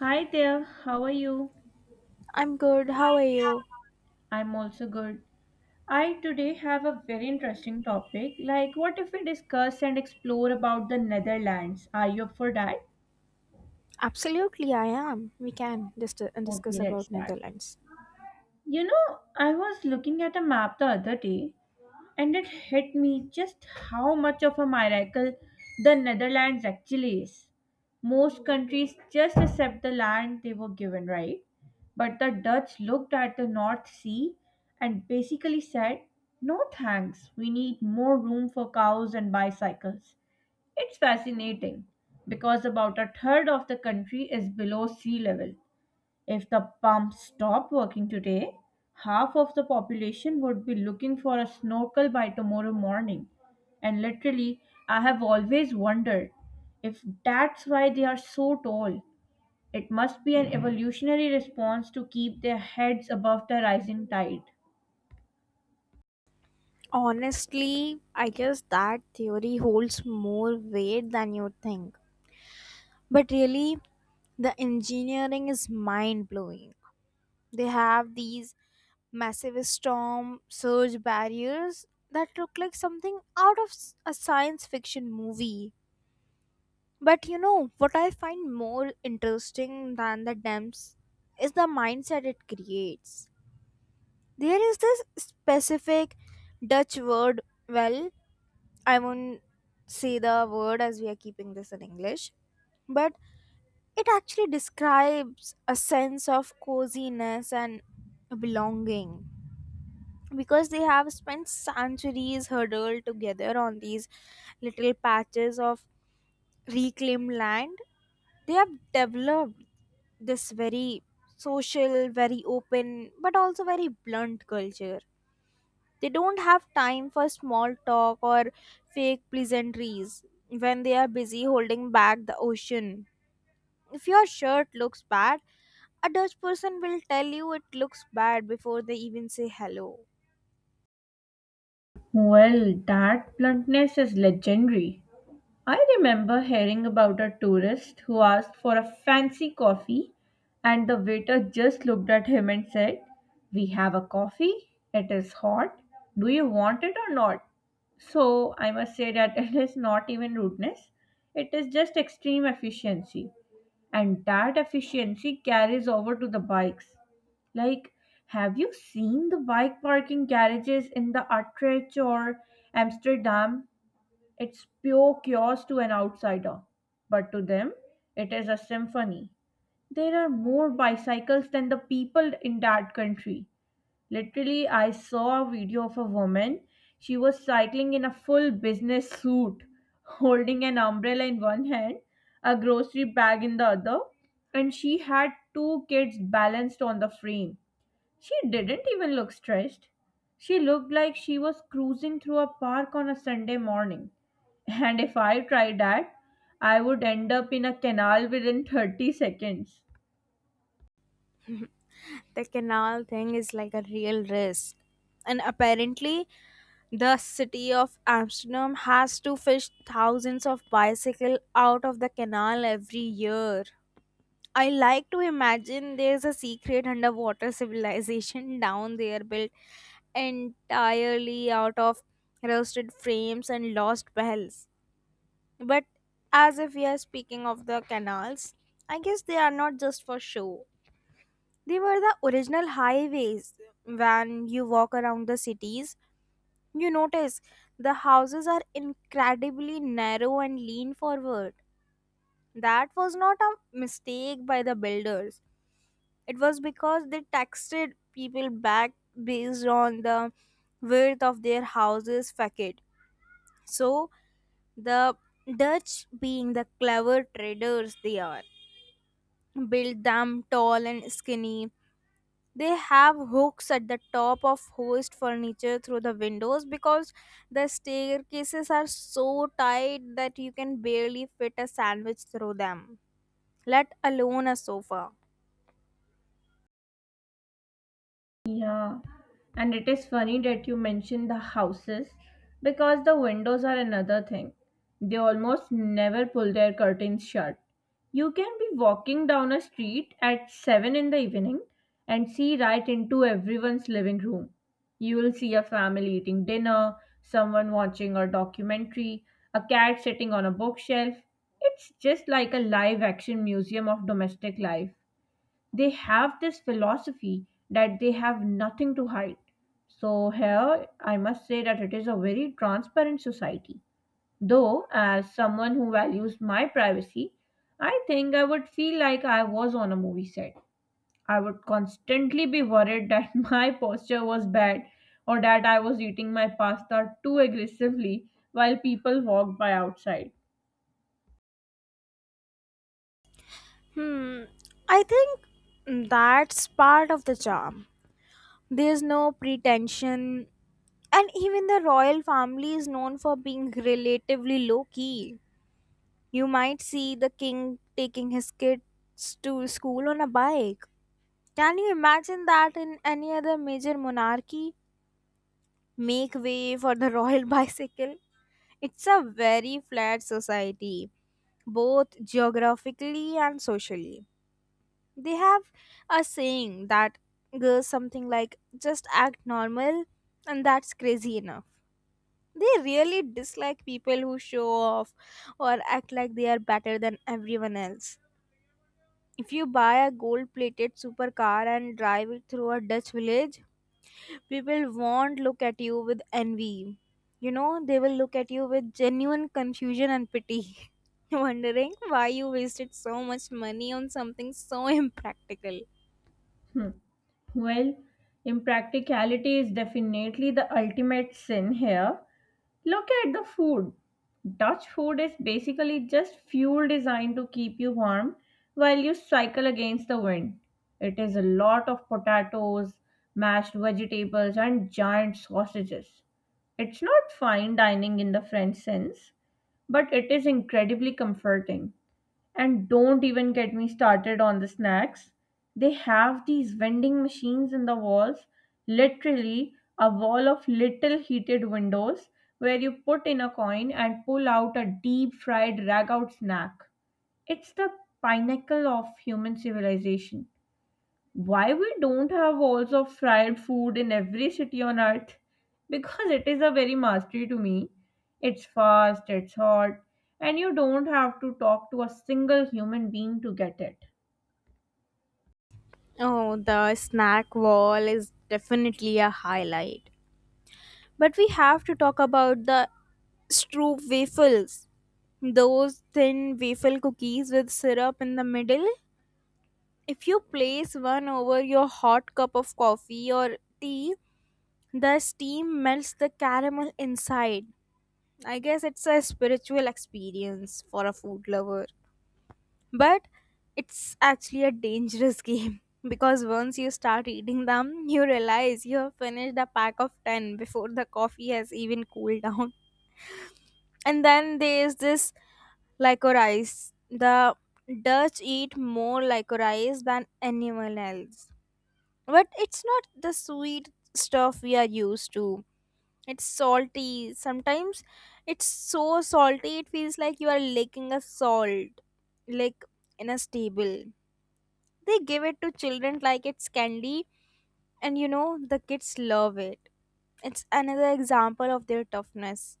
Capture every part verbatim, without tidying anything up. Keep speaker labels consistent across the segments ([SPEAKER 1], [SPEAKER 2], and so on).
[SPEAKER 1] Hi there, how are you?
[SPEAKER 2] I'm good. How are you?
[SPEAKER 1] I'm also good. I today have a very interesting topic. Like, what if we discuss and explore about the Netherlands? Are you up for that?
[SPEAKER 2] Absolutely, I am. We can just uh, discuss
[SPEAKER 1] Okay, let's
[SPEAKER 2] about
[SPEAKER 1] start.
[SPEAKER 2] Netherlands.
[SPEAKER 1] You know, I was looking at a map the other day. And it hit me just how much of a miracle the Netherlands actually is. Most countries just accept the land they were given, right? But the Dutch looked at the North Sea and basically said, "No thanks, we need more room for cows and bicycles." It's fascinating because about a third of the country is below sea level. If the pumps stop working today, half of the population would be looking for a snorkel by tomorrow morning. And literally, I have always wondered if that's why they are so tall. It must be an evolutionary response to keep their heads above the rising tide.
[SPEAKER 2] Honestly, I guess that theory holds more weight than you think. But really, the engineering is mind blowing. They have these massive storm surge barriers that look like something out of s- a science fiction movie. But you know, what I find more interesting than the dams is the mindset it creates. There is this specific Dutch word. Well, I won't say the word as we are keeping this in English, but it actually describes a sense of coziness and belonging because they have spent centuries huddled together on these little patches of reclaimed land. They have developed this very social, very open, but also very blunt culture. They don't have time for small talk or fake pleasantries when they are busy holding back the ocean. If your shirt looks bad, a Dutch person will tell you it looks bad before they even say hello.
[SPEAKER 1] Well, that bluntness is legendary. I remember hearing about a tourist who asked for a fancy coffee, and the waiter just looked at him and said, "We have a coffee, it is hot, do you want it or not?" So I must say that it is not even rudeness, it is just extreme efficiency, and that efficiency carries over to the bikes. Like, have you seen the bike parking garages in the Utrecht or Amsterdam? It's pure chaos to an outsider, but to them, it is a symphony. There are more bicycles than the people in that country. Literally, I saw a video of a woman. She was cycling in a full business suit, holding an umbrella in one hand, a grocery bag in the other, and she had two kids balanced on the frame. She didn't even look stressed. She looked like she was cruising through a park on a Sunday morning. And if I tried that, I would end up in a canal within thirty seconds.
[SPEAKER 2] The canal thing is like a real risk. And apparently, the city of Amsterdam has to fish thousands of bicycle out of the canal every year. I like to imagine there's a secret underwater civilization down there built entirely out of rusted frames and lost bells. But as if we are speaking of the canals, I guess they are not just for show. They were the original highways. When you walk around the cities, you notice the houses are incredibly narrow and lean forward. That was not a mistake by the builders. It was because they taxed people back based on the width of their houses facade. So the Dutch, being the clever traders they are, built them tall and skinny. They have hooks at the top of hoist furniture through the windows because the staircases are so tight that you can barely fit a sandwich through them, let alone a sofa.
[SPEAKER 1] Yeah, and it is funny that you mentioned the houses because the windows are another thing. They almost never pull their curtains shut. You can be walking down a street at seven in the evening and see right into everyone's living room. You will see a family eating dinner, someone watching a documentary, a cat sitting on a bookshelf. It's just like a live action museum of domestic life. They have this philosophy that they have nothing to hide. So, here I must say that it is a very transparent society. Though, as someone who values my privacy, I think I would feel like I was on a movie set. I would constantly be worried that my posture was bad or that I was eating my pasta too aggressively while people walked by outside.
[SPEAKER 2] Hmm, I think that's part of the charm. There's no pretension, and even the royal family is known for being relatively low key. You might see the king taking his kids to school on a bike. Can you imagine that in any other major monarchy? Make way for the royal bicycle. It's a very flat society, both geographically and socially. They have a saying that goes something like, just act normal, and that's crazy enough. They really dislike people who show off or act like they are better than everyone else. If you buy a gold plated supercar and drive it through a Dutch village, people won't look at you with envy. You know, they will look at you with genuine confusion and pity, wondering why you wasted so much money on something so impractical.
[SPEAKER 1] Hmm. Well, impracticality is definitely the ultimate sin here. Look at the food. Dutch food is basically just fuel designed to keep you warm while you cycle against the wind. It is a lot of potatoes, mashed vegetables, and giant sausages. It's not fine dining in the French sense, but it is incredibly comforting. And don't even get me started on the snacks. They have these vending machines in the walls, literally a wall of little heated windows where you put in a coin and pull out a deep fried rag out snack. It's the pinnacle of human civilization. Why we don't have walls of fried food in every city on earth, because it is a very mastery to me. It's fast, it's hot, and you don't have to talk to a single human being to get it.
[SPEAKER 2] Oh, the snack wall is definitely a highlight. But we have to talk about the Stroop waffles. Those thin waffle cookies with syrup in the middle. If you place one over your hot cup of coffee or tea, the steam melts the caramel inside. I guess it's a spiritual experience for a food lover, but it's actually a dangerous game because once you start eating them, you realize you have finished a pack of ten before the coffee has even cooled down. And then there's this licorice. The Dutch eat more licorice than anyone else, but it's not the sweet stuff we are used to. It's salty. Sometimes it's so salty it feels like you are licking a salt, like in a stable. They give it to children like it's candy, and you know, the kids love it. It's another example of their toughness.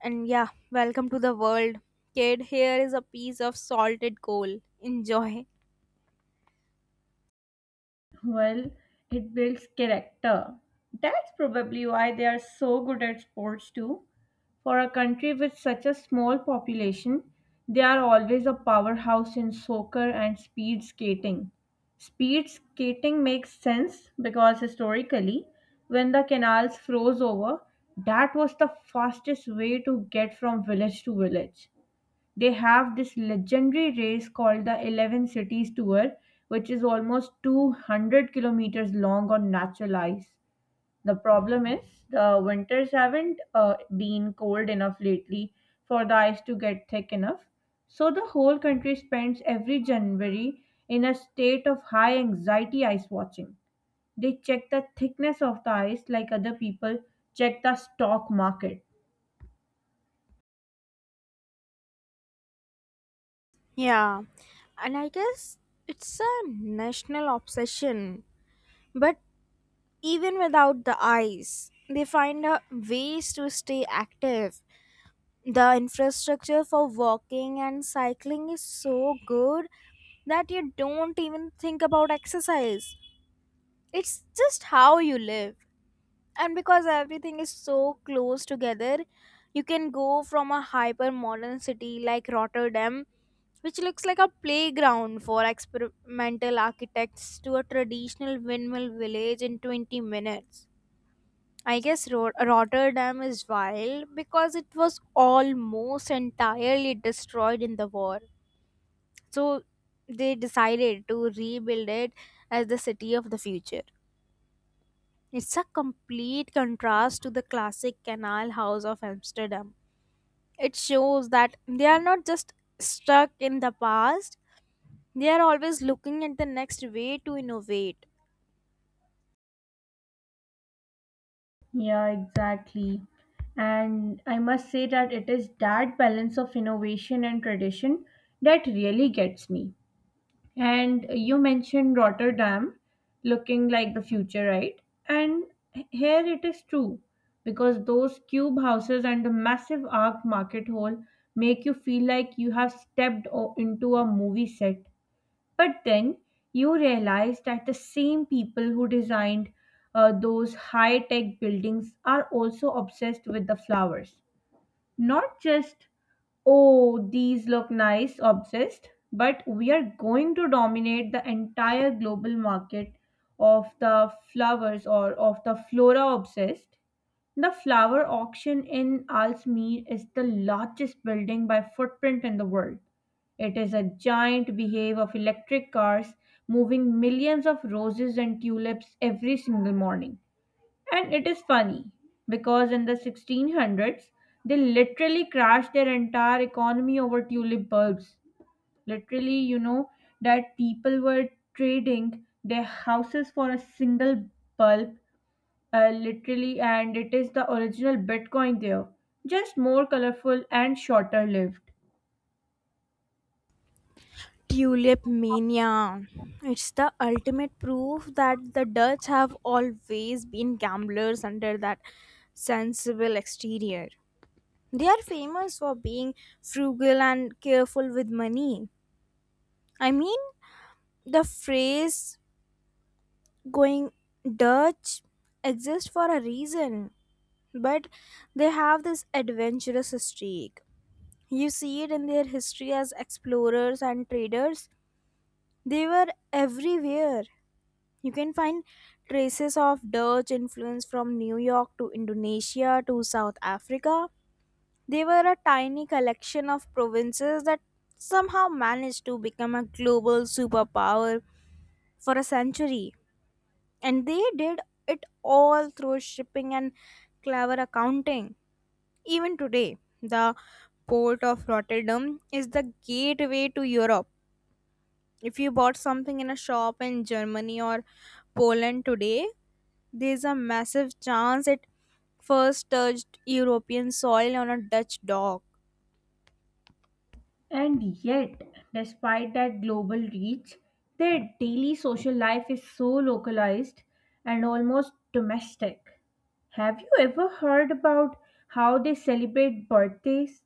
[SPEAKER 2] And yeah, welcome to the world. Kid, here is a piece of salted coal. Enjoy.
[SPEAKER 1] Well, it builds character. That's probably why they are so good at sports too. For a country with such a small population, they are always a powerhouse in soccer and speed skating. Speed skating makes sense because historically, when the canals froze over, that was the fastest way to get from village to village. They have this legendary race called the eleven Cities Tour, which is almost two hundred kilometers long on natural ice. The problem is the winters haven't uh, been cold enough lately for the ice to get thick enough. So the whole country spends every January in a state of high anxiety ice watching. They check the thickness of the ice like other people check the stock market.
[SPEAKER 2] Yeah, and I guess it's a national obsession. But even without the eyes, they find a ways to stay active. The infrastructure for walking and cycling is so good that you don't even think about exercise. It's just how you live. And because everything is so close together, you can go from a hyper modern city like Rotterdam, which looks like a playground for experimental architects, to a traditional windmill village in twenty minutes. I guess Ro- Rotterdam is wild because it was almost entirely destroyed in the war. So they decided to rebuild it as the city of the future. It's a complete contrast to the classic canal house of Amsterdam. It shows that they are not just stuck in the past, they are always looking at the next way to innovate.
[SPEAKER 1] Yeah, exactly. And I must say that it is that balance of innovation and tradition that really gets me. And you mentioned Rotterdam looking like the future, right? And here it is true because those cube houses and the massive arc market hall make you feel like you have stepped o- into a movie set. But then you realize that the same people who designed uh, those high tech buildings are also obsessed with the flowers. Not just, "Oh, these look nice," obsessed, but "we are going to dominate the entire global market of the flowers or of the flora" obsessed. The flower auction in Alsmeer is the largest building by footprint in the world. It is a giant behave of electric cars moving millions of roses and tulips every single morning. And it is funny because in the sixteen hundreds they literally crashed their entire economy over tulip bulbs. Literally, you know, that people were trading their houses for a single bulb, uh, literally, and it is the original Bitcoin there, just more colorful and shorter lived.
[SPEAKER 2] Tulip mania. It's the ultimate proof that the Dutch have always been gamblers under that sensible exterior. They are famous for being frugal and careful with money. I mean, the phrase going Dutch exists for a reason, but they have this adventurous streak. You see it in their history as explorers and traders. They were everywhere. You can find traces of Dutch influence from New York to Indonesia to South Africa. They were a tiny collection of provinces that somehow managed to become a global superpower for a century. And they did it all through shipping and clever accounting. Even today, the port of Rotterdam is the gateway to Europe. If you bought something in a shop in Germany or Poland today, there's a massive chance it first touched European soil on a Dutch dock.
[SPEAKER 1] And yet, despite that global reach, their daily social life is so localized and almost domestic. Have you ever heard about how they celebrate birthdays?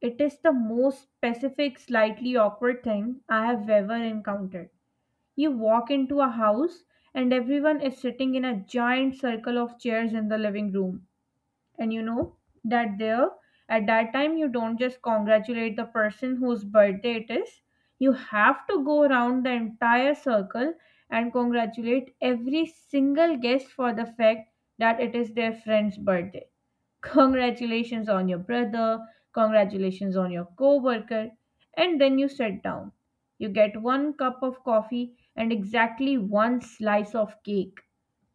[SPEAKER 1] It is the most specific, slightly awkward thing I have ever encountered. You walk into a house and everyone is sitting in a giant circle of chairs in the living room, and you know that there, at that time, you don't just congratulate the person whose birthday it is. You have to go around the entire circle and congratulate every single guest for the fact that it is their friend's birthday. "Congratulations on your brother," "congratulations on your coworker," and then you sit down. You get one cup of coffee and exactly one slice of cake.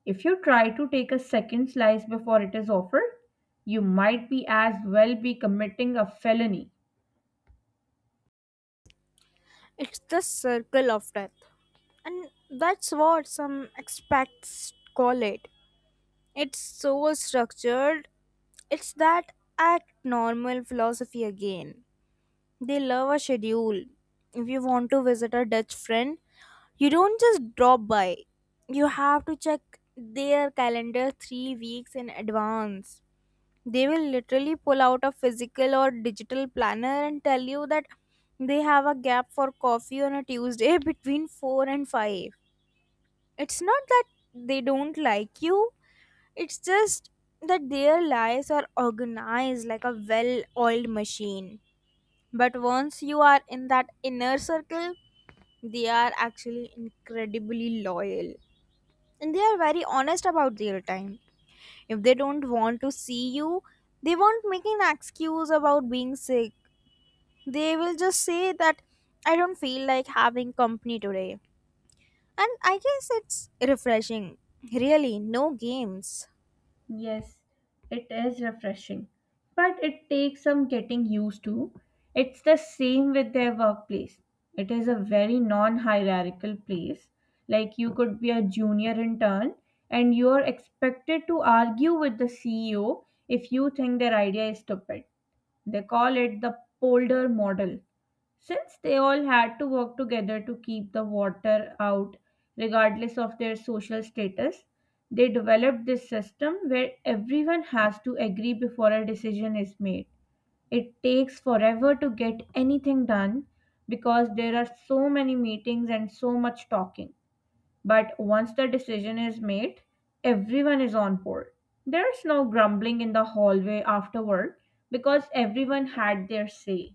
[SPEAKER 1] If you try to take a second slice before it is offered, you might be as well be committing a felony.
[SPEAKER 2] It's the circle of death. And that's what some expats call it. It's so structured. It's that act normal philosophy again. They love a schedule. If you want to visit a Dutch friend, you don't just drop by. You have to check their calendar three weeks in advance. They will literally pull out a physical or digital planner and tell you that they have a gap for coffee on a Tuesday between four and five. It's not that they don't like you, it's just that their lives are organized like a well oiled machine. But once you are in that inner circle, they are actually incredibly loyal and they are very honest about their time. If they don't want to see you, they won't make an excuse about being sick. They will just say that I don't feel like having company today. And I guess it's refreshing. Really, no games.
[SPEAKER 1] Yes, it is refreshing, but it takes some getting used to. It's the same with their workplace. It is a very non hierarchical place. Like, you could be a junior intern and you're expected to argue with the C E O if you think their idea is stupid. They call it the polder model. Since they all had to work together to keep the water out, regardless of their social status, they developed this system where everyone has to agree before a decision is made. It takes forever to get anything done because there are so many meetings and so much talking. But once the decision is made, everyone is on board. There's no grumbling in the hallway afterward because everyone had their say.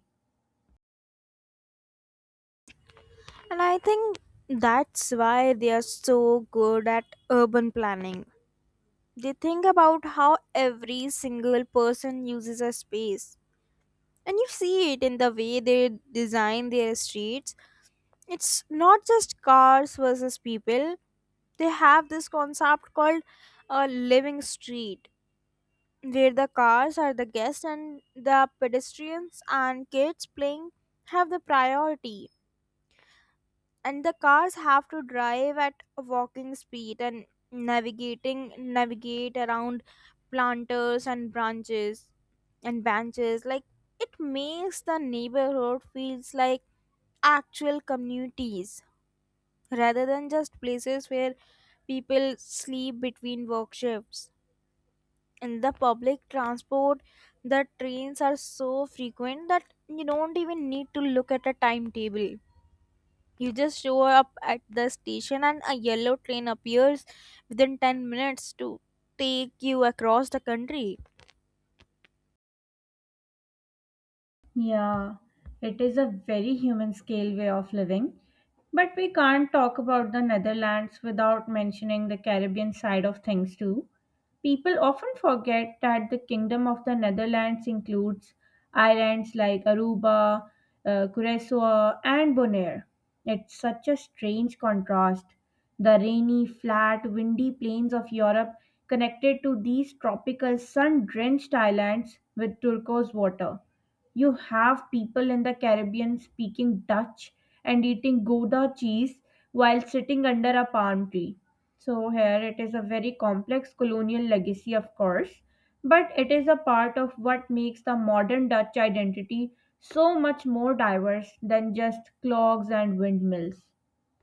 [SPEAKER 2] And I think that's why they are so good at urban planning. They think about how every single person uses a space. And you see it in the way they design their streets. It's not just cars versus people. They have this concept called a living street where the cars are the guests and the pedestrians and kids playing have the priority, and the cars have to drive at a walking speed and navigating navigate around planters and branches and benches. Like, it makes the neighborhood feels like actual communities rather than just places where people sleep between work shifts. In the public transport, the trains are so frequent that you don't even need to look at a timetable. You just show up at the station and a yellow train appears within ten minutes to take you across the country.
[SPEAKER 1] Yeah, it is a very human scale way of living. But we can't talk about the Netherlands without mentioning the Caribbean side of things too. People often forget that the Kingdom of the Netherlands includes islands like Aruba, uh, Curacao, and Bonaire. It's such a strange contrast. The rainy, flat, windy plains of Europe connected to these tropical sun drenched islands with turquoise water. You have people in the Caribbean speaking Dutch and eating Gouda cheese while sitting under a palm tree. So, here it is a very complex colonial legacy, of course, but it is a part of what makes the modern Dutch identity so much more diverse than just clogs and windmills,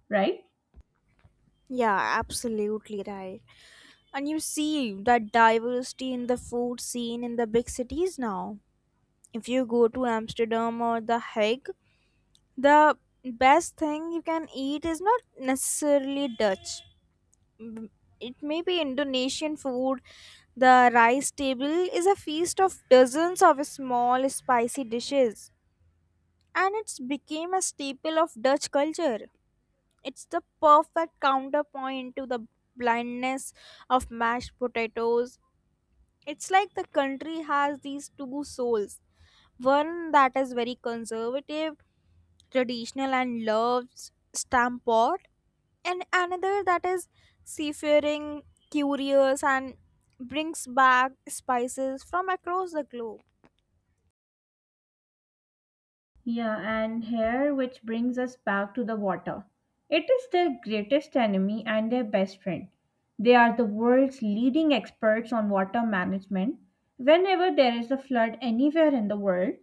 [SPEAKER 1] right?
[SPEAKER 2] Yeah, absolutely right. And you see that diversity in the food scene in the big cities now. If you go to Amsterdam or The Hague, the best thing you can eat is not necessarily Dutch. M- It may be Indonesian food. The rice table is a feast of dozens of small spicy dishes, and it's became a staple of Dutch culture. It's the perfect counterpoint to the blindness of mashed potatoes. It's like the country has these two souls, one that is very conservative, traditional, and loves stamp pot, and another that is seafaring, curious, and brings back spices from across the globe.
[SPEAKER 1] Yeah, and here, which brings us back to the water. It is their greatest enemy and their best friend. They are the world's leading experts on water management. Whenever there is a flood anywhere in the world,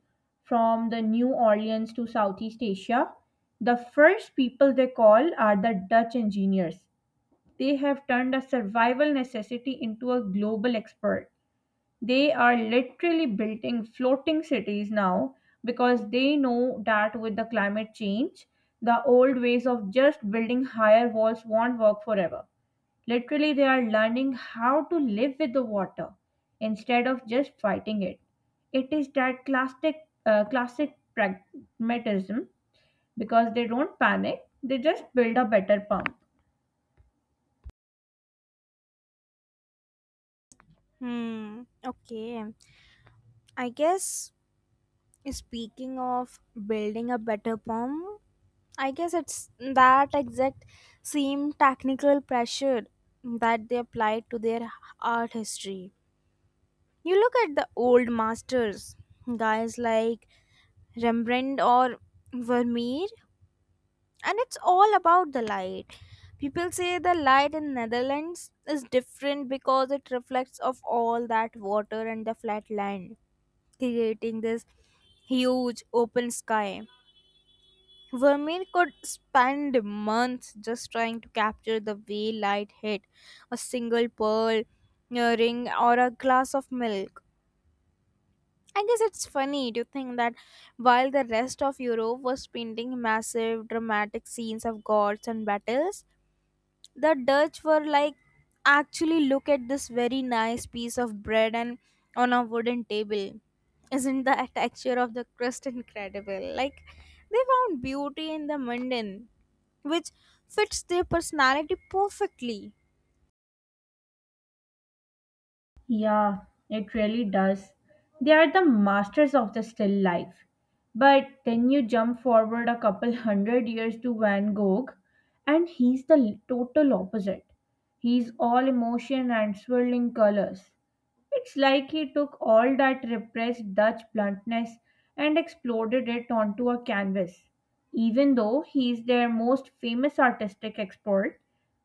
[SPEAKER 1] from the New Orleans to Southeast Asia, the first people they call are the Dutch engineers. They have turned a survival necessity into a global expert. They are literally building floating cities now because they know that with the climate change, the old ways of just building higher walls won't work forever. Literally, they are learning how to live with the water instead of just fighting it. It is that classic, uh, classic pragmatism because they don't panic, they just build a better pump.
[SPEAKER 2] Hmm. Okay. I guess speaking of building a better palm, I guess it's that exact same technical pressure that they apply to their art history. You look at the old masters, guys like Rembrandt or Vermeer, and it's all about the light. People say the light in Netherlands is different because it reflects of all that water and the flat land, creating this huge open sky. Vermeer could spend months just trying to capture the way light hit a single pearl, a ring, or a glass of milk. I guess it's funny to think that while the rest of Europe was painting massive, dramatic scenes of gods and battles, the Dutch were like, actually, look at this very nice piece of bread and on a wooden table. Isn't the texture of the crust incredible? Like, they found beauty in the mundane, which fits their personality perfectly.
[SPEAKER 1] Yeah, it really does. They are the masters of the still life. But then you jump forward a couple hundred years to Van Gogh, and he's the l- total opposite. He's all emotion and swirling colors. It's like he took all that repressed Dutch bluntness and exploded it onto a canvas. Even though he is their most famous artistic export,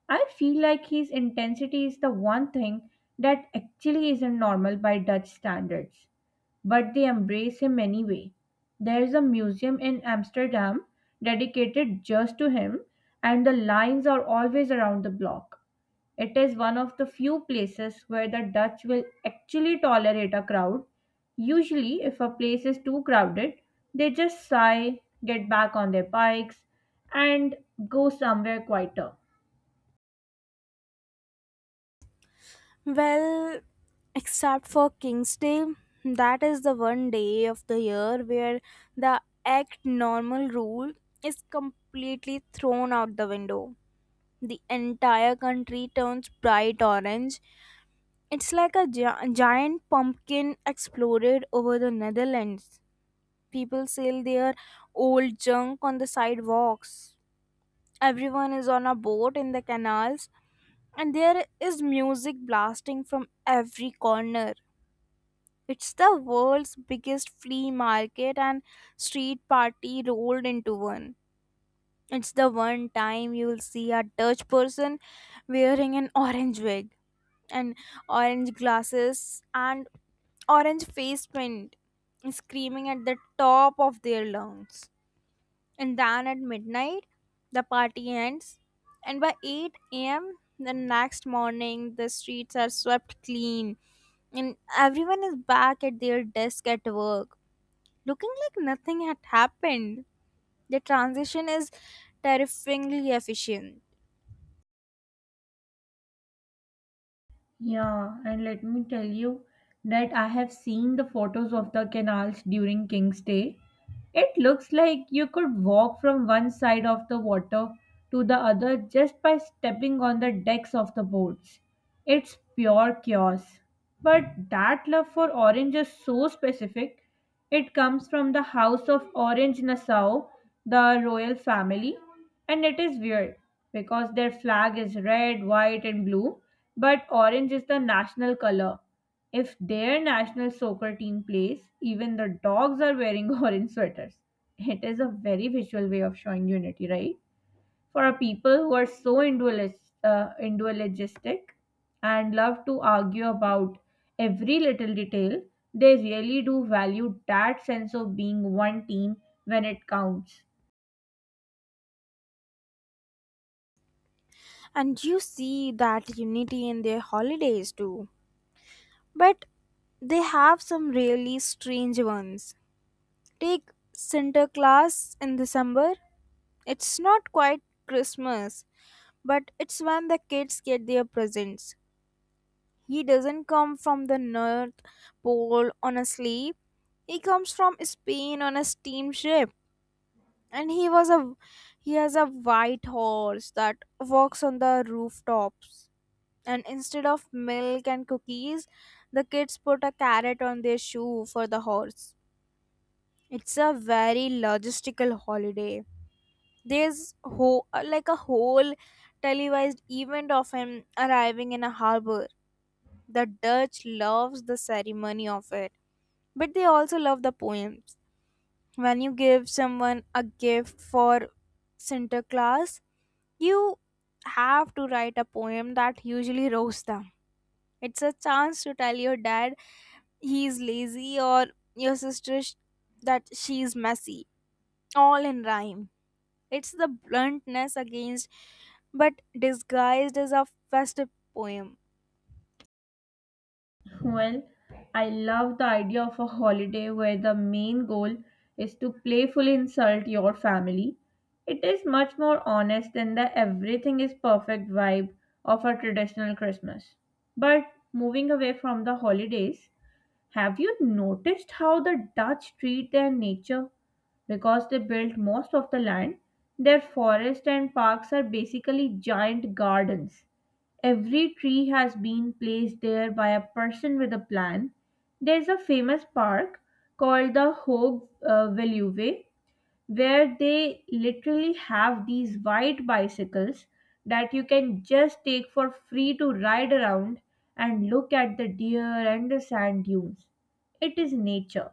[SPEAKER 1] I feel like his intensity is the one thing that actually isn't normal by Dutch standards, but they embrace him anyway. There's a museum in Amsterdam dedicated just to him, and the lines are always around the block. It is one of the few places where the Dutch will actually tolerate a crowd. Usually, if a place is too crowded, they just sigh, get back on their bikes, and go somewhere quieter.
[SPEAKER 2] Well, except for King's Day, that is the one day of the year where the act normal rule is completely thrown out the window. The entire country turns bright orange. It's like a gi- giant pumpkin exploded over the Netherlands. People sell their old junk on the sidewalks. Everyone is on a boat in the canals, and there is music blasting from every corner. It's the world's biggest flea market and street party rolled into one. It's the one time you'll see a Dutch person wearing an orange wig and orange glasses and orange face paint screaming at the top of their lungs. And then at midnight, the party ends. And by eight a m, the next morning, the streets are swept clean and everyone is back at their desk at work looking like nothing had happened. The transition is terrifyingly efficient,
[SPEAKER 1] Yeah, and let me tell you that I have seen the photos of the canals during King's Day. It looks like you could walk from one side of the water to the other just by stepping on the decks of the boats. It's pure chaos. But that love for orange is so specific. It comes from the House of Orange Nassau, the royal family. And it is weird because their flag is red, white, and blue, but orange is the national color. If their national soccer team plays, even the dogs are wearing orange sweaters. It is a very visual way of showing unity, right? For a people who are so individualis- uh, individualistic and love to argue about every little detail, they really do value that sense of being one team when it counts.
[SPEAKER 2] and you see that unity in their holidays too. But they have some really strange ones. Take Sinterklaas in December. It's not quite Christmas, but it's when the kids get their presents. He doesn't come from the North Pole on a sleigh. He comes from Spain on a steamship. And he was a he has a white horse that walks on the rooftops. And instead of milk and cookies, the kids put a carrot on their shoe for the horse. It's a very logistical holiday. There's ho- like a whole televised event of him arriving in a harbor. The Dutch loves the ceremony of it, but they also love the poems. When you give someone a gift for Sinterklaas, you have to write a poem that usually roasts them. It's a chance to tell your dad he's lazy or your sister sh- that she's messy, all in rhyme. It's the bluntness against, but disguised as a festive poem.
[SPEAKER 1] Well, I love the idea of a holiday where the main goal is to playfully insult your family. It is much more honest than the "everything is perfect" vibe of a traditional Christmas. But moving away from the holidays, have you noticed how the Dutch treat their nature? Because they built most of the land, their forests and parks are basically giant gardens. Every tree has been placed there by a person with a plan. There's a famous park called the Hogue uh, Veluwe where they literally have these white bicycles that you can just take for free to ride around and look at the deer and the sand dunes. It is nature,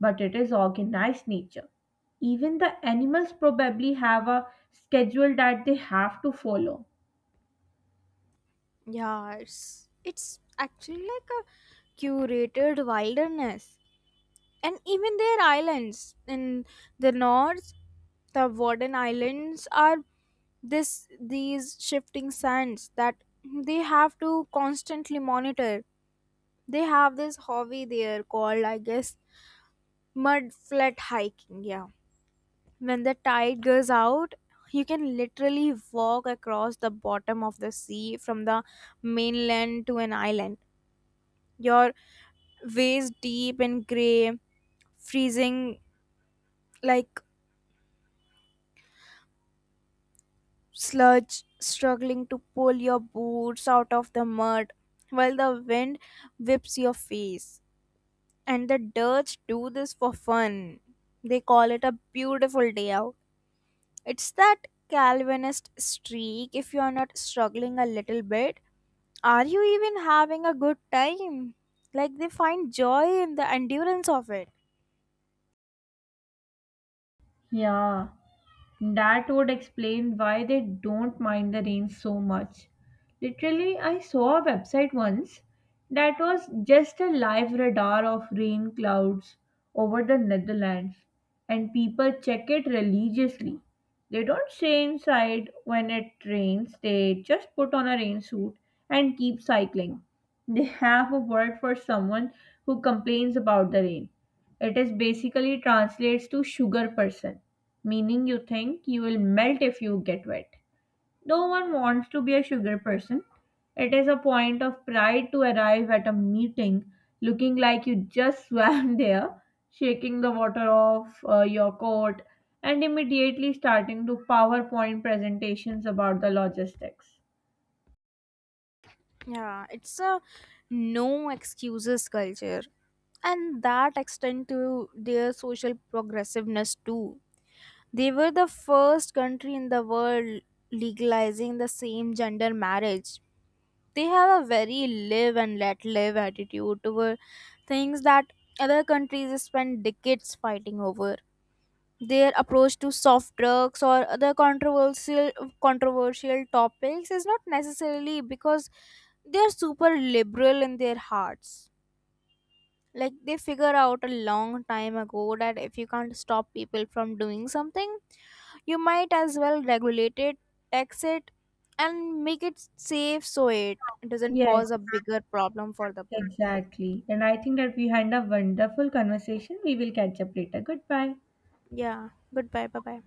[SPEAKER 1] but it is organized nature. Even the animals probably have a schedule that they have to follow.
[SPEAKER 2] Yeah, it's, it's actually like a curated wilderness. And even their islands in the north, the warden islands, are this these shifting sands that they have to constantly monitor. They have this hobby there called, I guess, mud flat hiking. Yeah, when the tide goes out, you can literally walk across the bottom of the sea from the mainland to an island, your waist deep in gray freezing, like, sludge, struggling to pull your boots out of the mud while the wind whips your face. And the Dutch do this for fun. They call it a beautiful day out. It's that Calvinist streak. If you're not struggling a little bit, are you even having a good time? Like, they find joy in the endurance of it.
[SPEAKER 1] Yeah. That would explain why they don't mind the rain so much. Literally, I saw a website once that was just a live radar of rain clouds over the Netherlands, and people check it religiously. They don't stay inside when it rains, they just put on a rain suit and keep cycling. They have a word for someone who complains about the rain. It is basically translates to "sugar person," meaning you think you will melt if you get wet. No one wants to be a sugar person. It is a point of pride to arrive at a meeting looking like you just swam there, shaking the water off uh, your coat, and immediately starting to PowerPoint presentations about the logistics.
[SPEAKER 2] Yeah, it's a no excuses culture, and that extend to their social progressiveness too. They were the first country in the world legalizing the same gender marriage. They have a very live and let live attitude toward things that other countries spend decades fighting over. Their approach to soft drugs or other controversial controversial topics is not necessarily because they're super liberal in their hearts. Like, they figure out a long time ago that if you can't stop people from doing something, you might as well regulate it, tax it, and make it safe so it doesn't
[SPEAKER 1] Yes,
[SPEAKER 2] cause a bigger problem for the police.
[SPEAKER 1] exactly. And I think that we had a wonderful conversation. We will catch up later. Goodbye.
[SPEAKER 2] Yeah. Goodbye. Bye bye.